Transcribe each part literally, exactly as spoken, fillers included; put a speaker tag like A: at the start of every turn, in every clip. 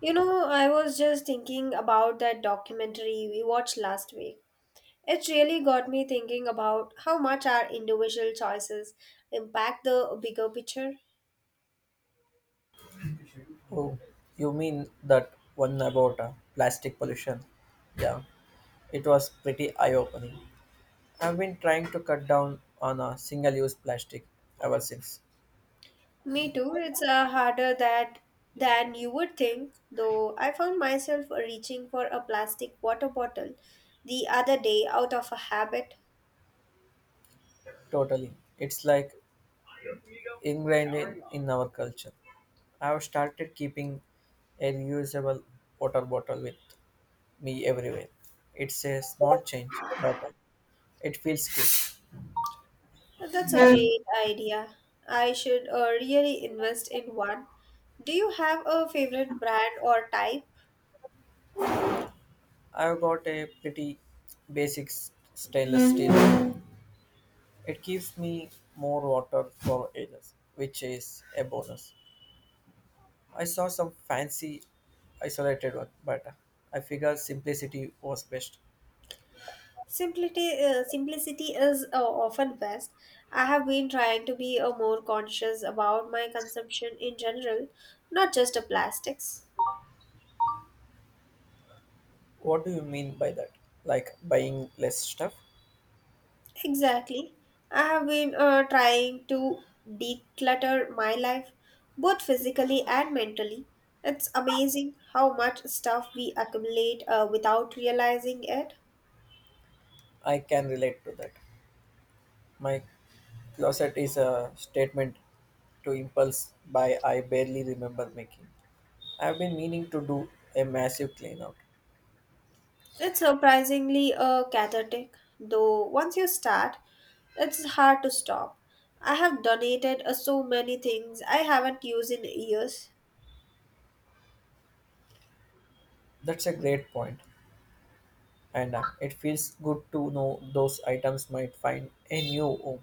A: You know, I was just thinking about that documentary we watched last week. It really got me thinking about how much our individual choices impact the bigger picture.
B: Oh, you mean that one about uh, plastic pollution? Yeah, it was pretty eye opening. I've been trying to cut down on uh, single use plastic ever since.
A: Me too, it's uh, harder that than you would think, though I found myself reaching for a plastic water bottle the other day out of a habit.
B: Totally. It's like ingrained in, in our culture. I've started keeping a reusable water bottle with me everywhere. It's a small change, but it feels good.
A: That's a great idea. I should uh, really invest in one. Do you have a favorite brand or type?
B: I've got a pretty basic s- stainless steel. It gives me more water for ages, which is a bonus. I saw some fancy isolated one, but I figure simplicity was best.
A: Simplicity, uh, simplicity is uh, often best. I have been trying to be uh, more conscious about my consumption in general, not just of plastics.
B: What do you mean by that? Like buying less stuff?
A: Exactly. I have been uh, trying to declutter my life, both physically and mentally. It's amazing how much stuff we accumulate uh, without realizing it.
B: I can relate to that. My closet is a statement to impulse buy I barely remember making. I've been meaning to do a massive clean out.
A: It's surprisingly uh, cathartic, though once you start, it's hard to stop. I have donated uh, so many things I haven't used in years.
B: That's a great point, and uh, it feels good to know those items might find a new home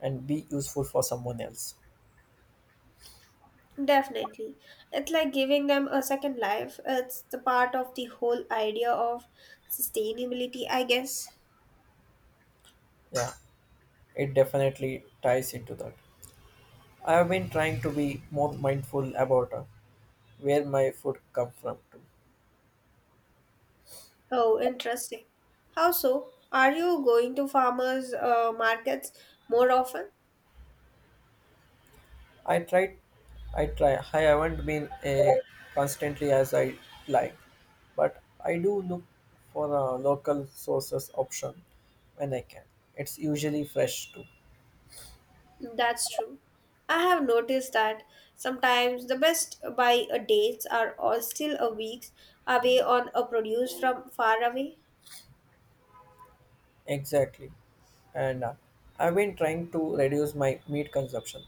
B: and be useful for someone else.
A: Definitely. It's like giving them a second life. It's the part of the whole idea of sustainability, I guess.
B: Yeah, it definitely ties into that. I have been trying to be more mindful about uh, where my food come from. Too.
A: Oh, interesting. How so? Are you going to farmers' uh, markets more often?
B: I tried, I try. I haven't been uh, constantly as I like, but I do look for a local sources option when I can. It's usually fresh too.
A: That's true. I have noticed that sometimes the best buy a dates are all still a weeks away on a produce from far away.
B: Exactly, and uh, I've been trying to reduce my meat consumption.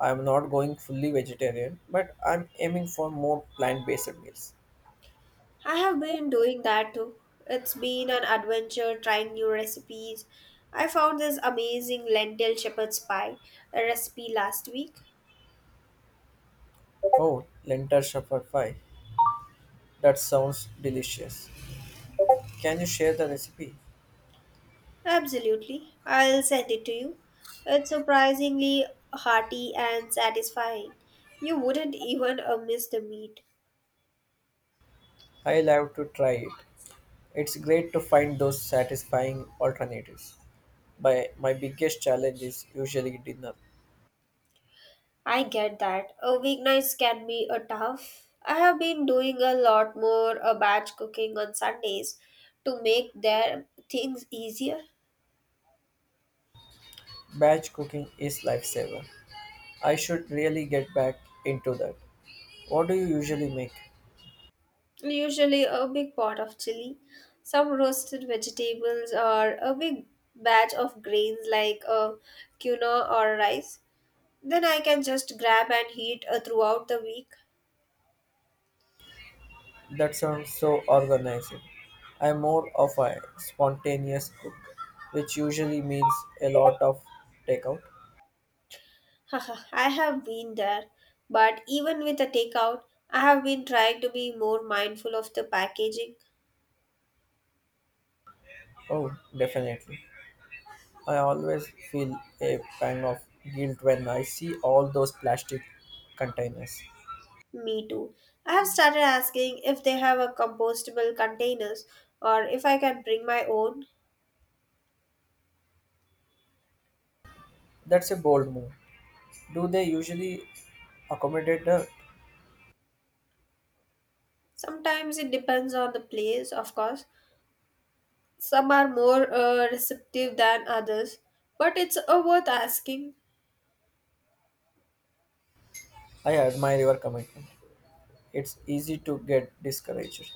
B: I'm not going fully vegetarian, but I'm aiming for more plant-based meals.
A: I have been doing that too. It's been an adventure trying new recipes. I found this amazing lentil shepherd's pie recipe last week.
B: Oh, lentil shepherd pie. That sounds delicious. Can you share the recipe?
A: Absolutely. I'll send it to you. It's surprisingly hearty and satisfying. You wouldn't even uh, miss the meat.
B: I'll have to try it. It's great to find those satisfying alternatives. My, my biggest challenge is usually dinner.
A: I get that. A weeknights can be a tough. I have been doing a lot more uh, batch cooking on Sundays to make their things easier.
B: Batch cooking is lifesaver. I should really get back into that. What do you usually make?
A: Usually a big pot of chili, some roasted vegetables or a big batch of grains like uh, quinoa or rice. Then I can just grab and heat uh, throughout the week.
B: That sounds so organized. I'm more of a spontaneous cook, which usually means a lot of takeout.
A: Haha, I have been there. But even with the takeout, I have been trying to be more mindful of the packaging.
B: Oh, definitely. I always feel a pang of guilt when I see all those plastic containers.
A: Me too. I have started asking if they have a compostable containers or if I can bring my own.
B: That's a bold move. Do they usually accommodate that?
A: Sometimes it depends on the place, of course. Some are more uh, receptive than others, but it's uh, worth asking.
B: I admire your commitment. It's easy to get discouraged.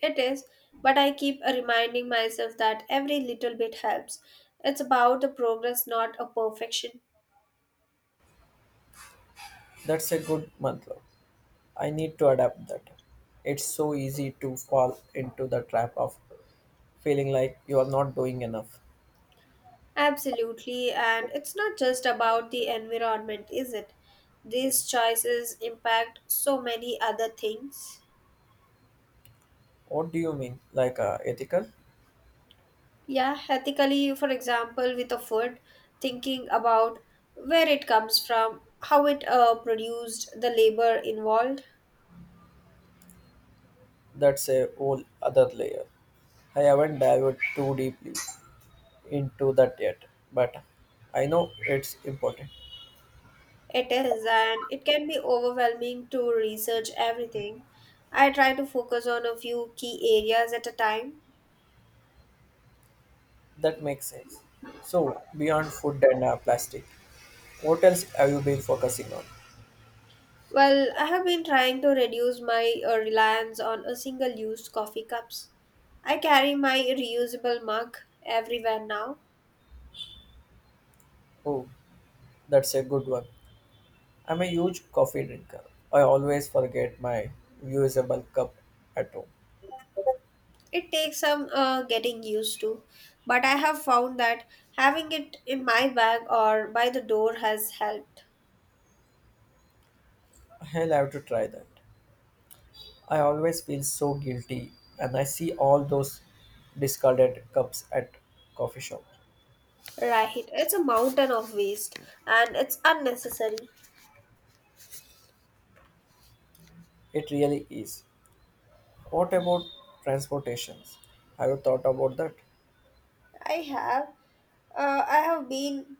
A: It is, but I keep uh, reminding myself that every little bit helps. It's about the progress, not a perfection.
B: That's a good mantra. I need to adapt that. It's so easy to fall into the trap of feeling like you are not doing enough.
A: Absolutely, and it's not just about the environment, is it? These choices impact so many other things.
B: What do you mean? Like uh, ethical?
A: Yeah, ethically, for example, with the food, thinking about where it comes from, how it uh, produced, the labor involved.
B: That's a whole other layer. I haven't dived too deeply into that yet, but I know it's important.
A: It is, and it can be overwhelming to research everything. I try to focus on a few key areas at a time.
B: That makes sense. So, beyond food and uh, plastic, what else have you been focusing on?
A: Well, I have been trying to reduce my uh, reliance on a single use coffee cups. I carry my reusable mug everywhere now.
B: Oh, that's a good one. I'm a huge coffee drinker. I always forget my reusable cup at home.
A: It takes some uh, getting used to, but I have found that having it in my bag or by the door has helped.
B: I'll have to try that. I always feel so guilty and I see all those discarded cups at coffee shop.
A: Right, it's a mountain of waste and it's unnecessary.
B: It really is. What about transportations? Have you thought about that?
A: I have uh, I have been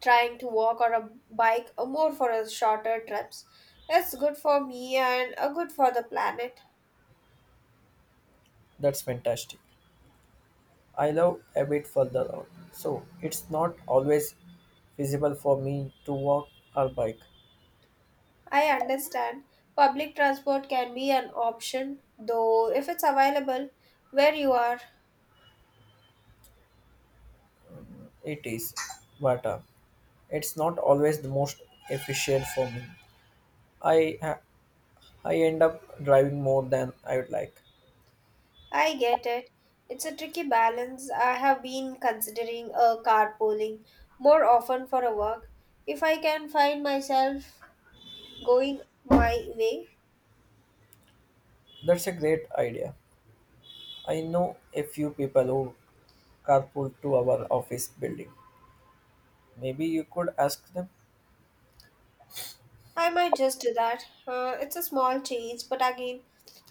A: trying to walk or a bike or more for a shorter trips. It's good for me and uh, good for the planet.
B: That's fantastic. I live a bit further out, so it's not always feasible for me to walk or bike.
A: I understand public transport can be an option, though if it's available where you are,
B: It is, but uh, it's not always the most efficient for me. I I end up driving more than I would like.
A: I get it. It's a tricky balance. I have been considering a carpooling more often for a walk if I can find myself going my way.
B: That's a great idea. I know a few people who carpool to our office building. Maybe you could ask them?
A: I might just do that. Uh, it's a small change, but again,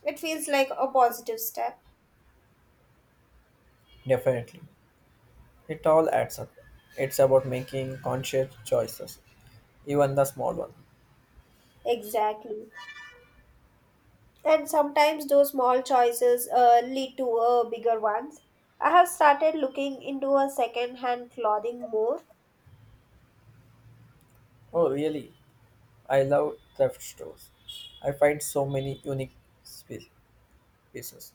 A: it feels like a positive step.
B: Definitely. It all adds up. It's about making conscious choices, even the small one.
A: Exactly. And sometimes those small choices uh, lead to uh, bigger ones. I have started looking into a second-hand clothing more.
B: Oh, really? I love thrift stores. I find so many unique spe- pieces,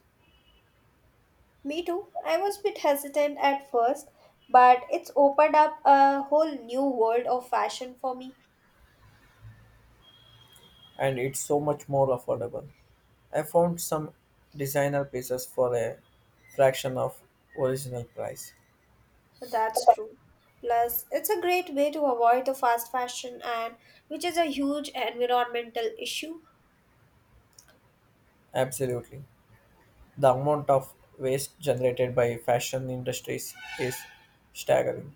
A: Me too. I was a bit hesitant at first, but it's opened up a whole new world of fashion for me.
B: and it's so much more affordable. I found some designer pieces for a fraction of original price.
A: That's true. Plus, it's a great way to avoid the fast fashion and which is a huge environmental issue.
B: Absolutely. The amount of waste generated by fashion industries is staggering.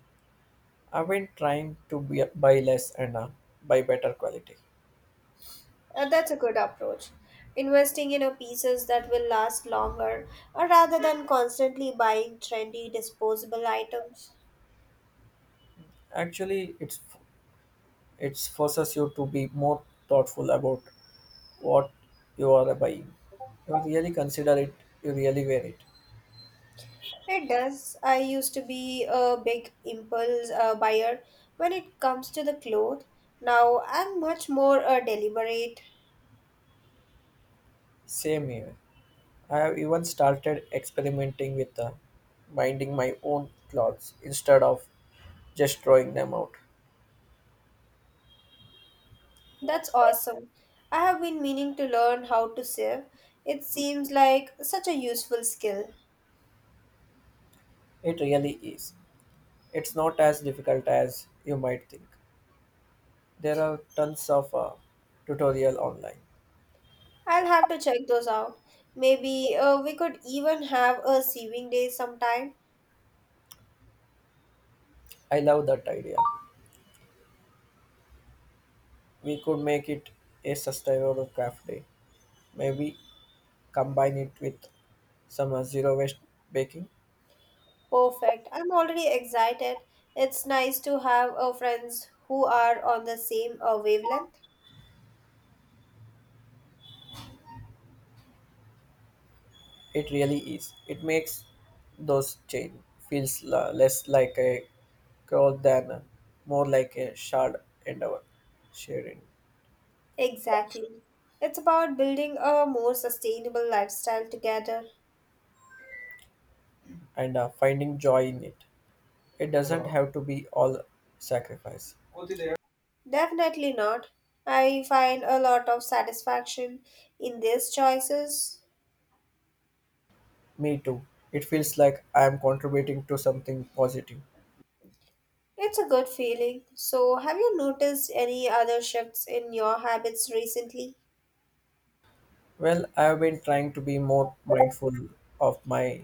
B: I've been trying to be, buy less and uh, buy better quality.
A: Uh, that's a good approach. Investing in a pieces that will last longer, or rather than constantly buying trendy disposable items.
B: Actually, it's it forces you to be more thoughtful about what you are buying. You really consider it. You really wear it.
A: It does. I used to be a big impulse uh, buyer when it comes to the clothes. Now I'm much more uh, deliberate.
B: Same here. I have even started experimenting with uh, binding my own clothes instead of just throwing them out.
A: That's awesome. I have been meaning to learn how to save. It seems like such a useful skill.
B: It really is. It's not as difficult as you might think. There are tons of uh, tutorial online.
A: I'll have to check those out. Maybe uh, we could even have a saving day sometime.
B: I love that idea. We could make it a sustainable craft day. Maybe combine it with some uh, zero waste baking.
A: Perfect. I'm already excited. It's nice to have uh, friends who are on the same uh, wavelength.
B: It really is. It makes those chain feels la- less like a crawl than uh, more like a shared endeavor, sharing
A: Exactly. It's about building a more sustainable lifestyle together.
B: and uh, finding joy in it. It doesn't have to be all sacrifice.
A: Definitely not. I find a lot of satisfaction in these choices.
B: Me too. It feels like I am contributing to something positive.
A: It's a good feeling. So, have you noticed any other shifts in your habits recently?
B: Well, I have been trying to be more mindful of my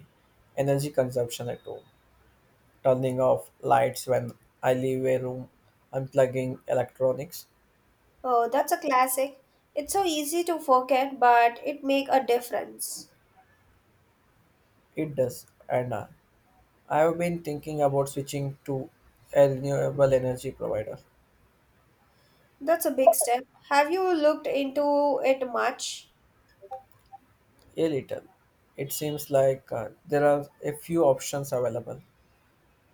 B: energy consumption at home, turning off lights when I leave a room, unplugging electronics.
A: Oh, that's a classic. It's so easy to forget, but it make a difference.
B: It does, and uh, I have been thinking about switching to a renewable energy provider.
A: That's a big step. Have you looked into it much?
B: A little. It seems like uh, there are a few options available.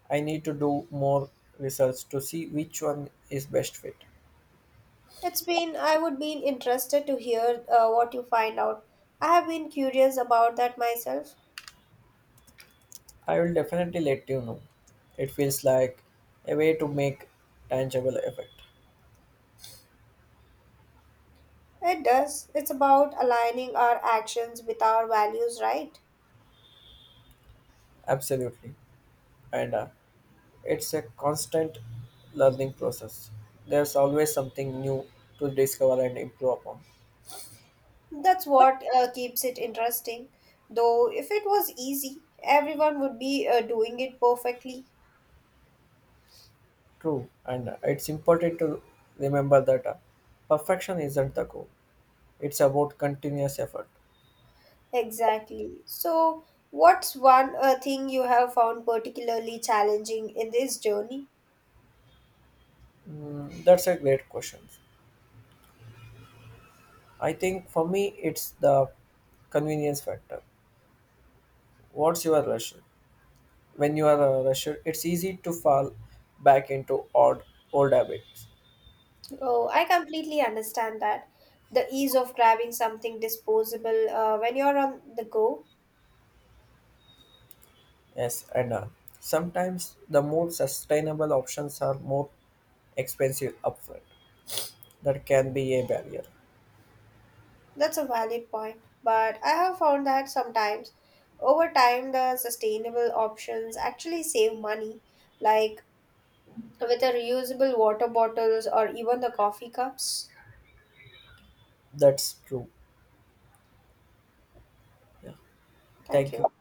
B: I need to do more research to see which one is best fit.
A: It's been, I would be interested to hear uh, what you find out. I have been curious about that myself.
B: I will definitely let you know. It feels like a way to make tangible effect.
A: It does. It's about aligning our actions with our values, right?
B: Absolutely. And uh, it's a constant learning process. There's always something new to discover and improve upon.
A: That's what uh, keeps it interesting. Though, if it was easy, everyone would be uh, doing it perfectly.
B: True. And uh, it's important to remember that uh, perfection isn't the goal. It's about continuous effort.
A: Exactly. So, what's one uh, thing you have found particularly challenging in this journey?
B: Mm, that's a great question. I think for me, it's the convenience factor. What's your rush? When you are a rusher, it's easy to fall back into odd old habits.
A: Oh, I completely understand that. The ease of grabbing something disposable uh, when you're on the go,
B: Yes, and uh, sometimes the more sustainable options are more expensive upfront. That can be a barrier.
A: that's a valid point. But I have found that sometimes, over time, the sustainable options actually save money, like with the reusable water bottles or even the coffee cups.
B: That's true. Yeah.
A: Thank
B: Thank you.
A: you.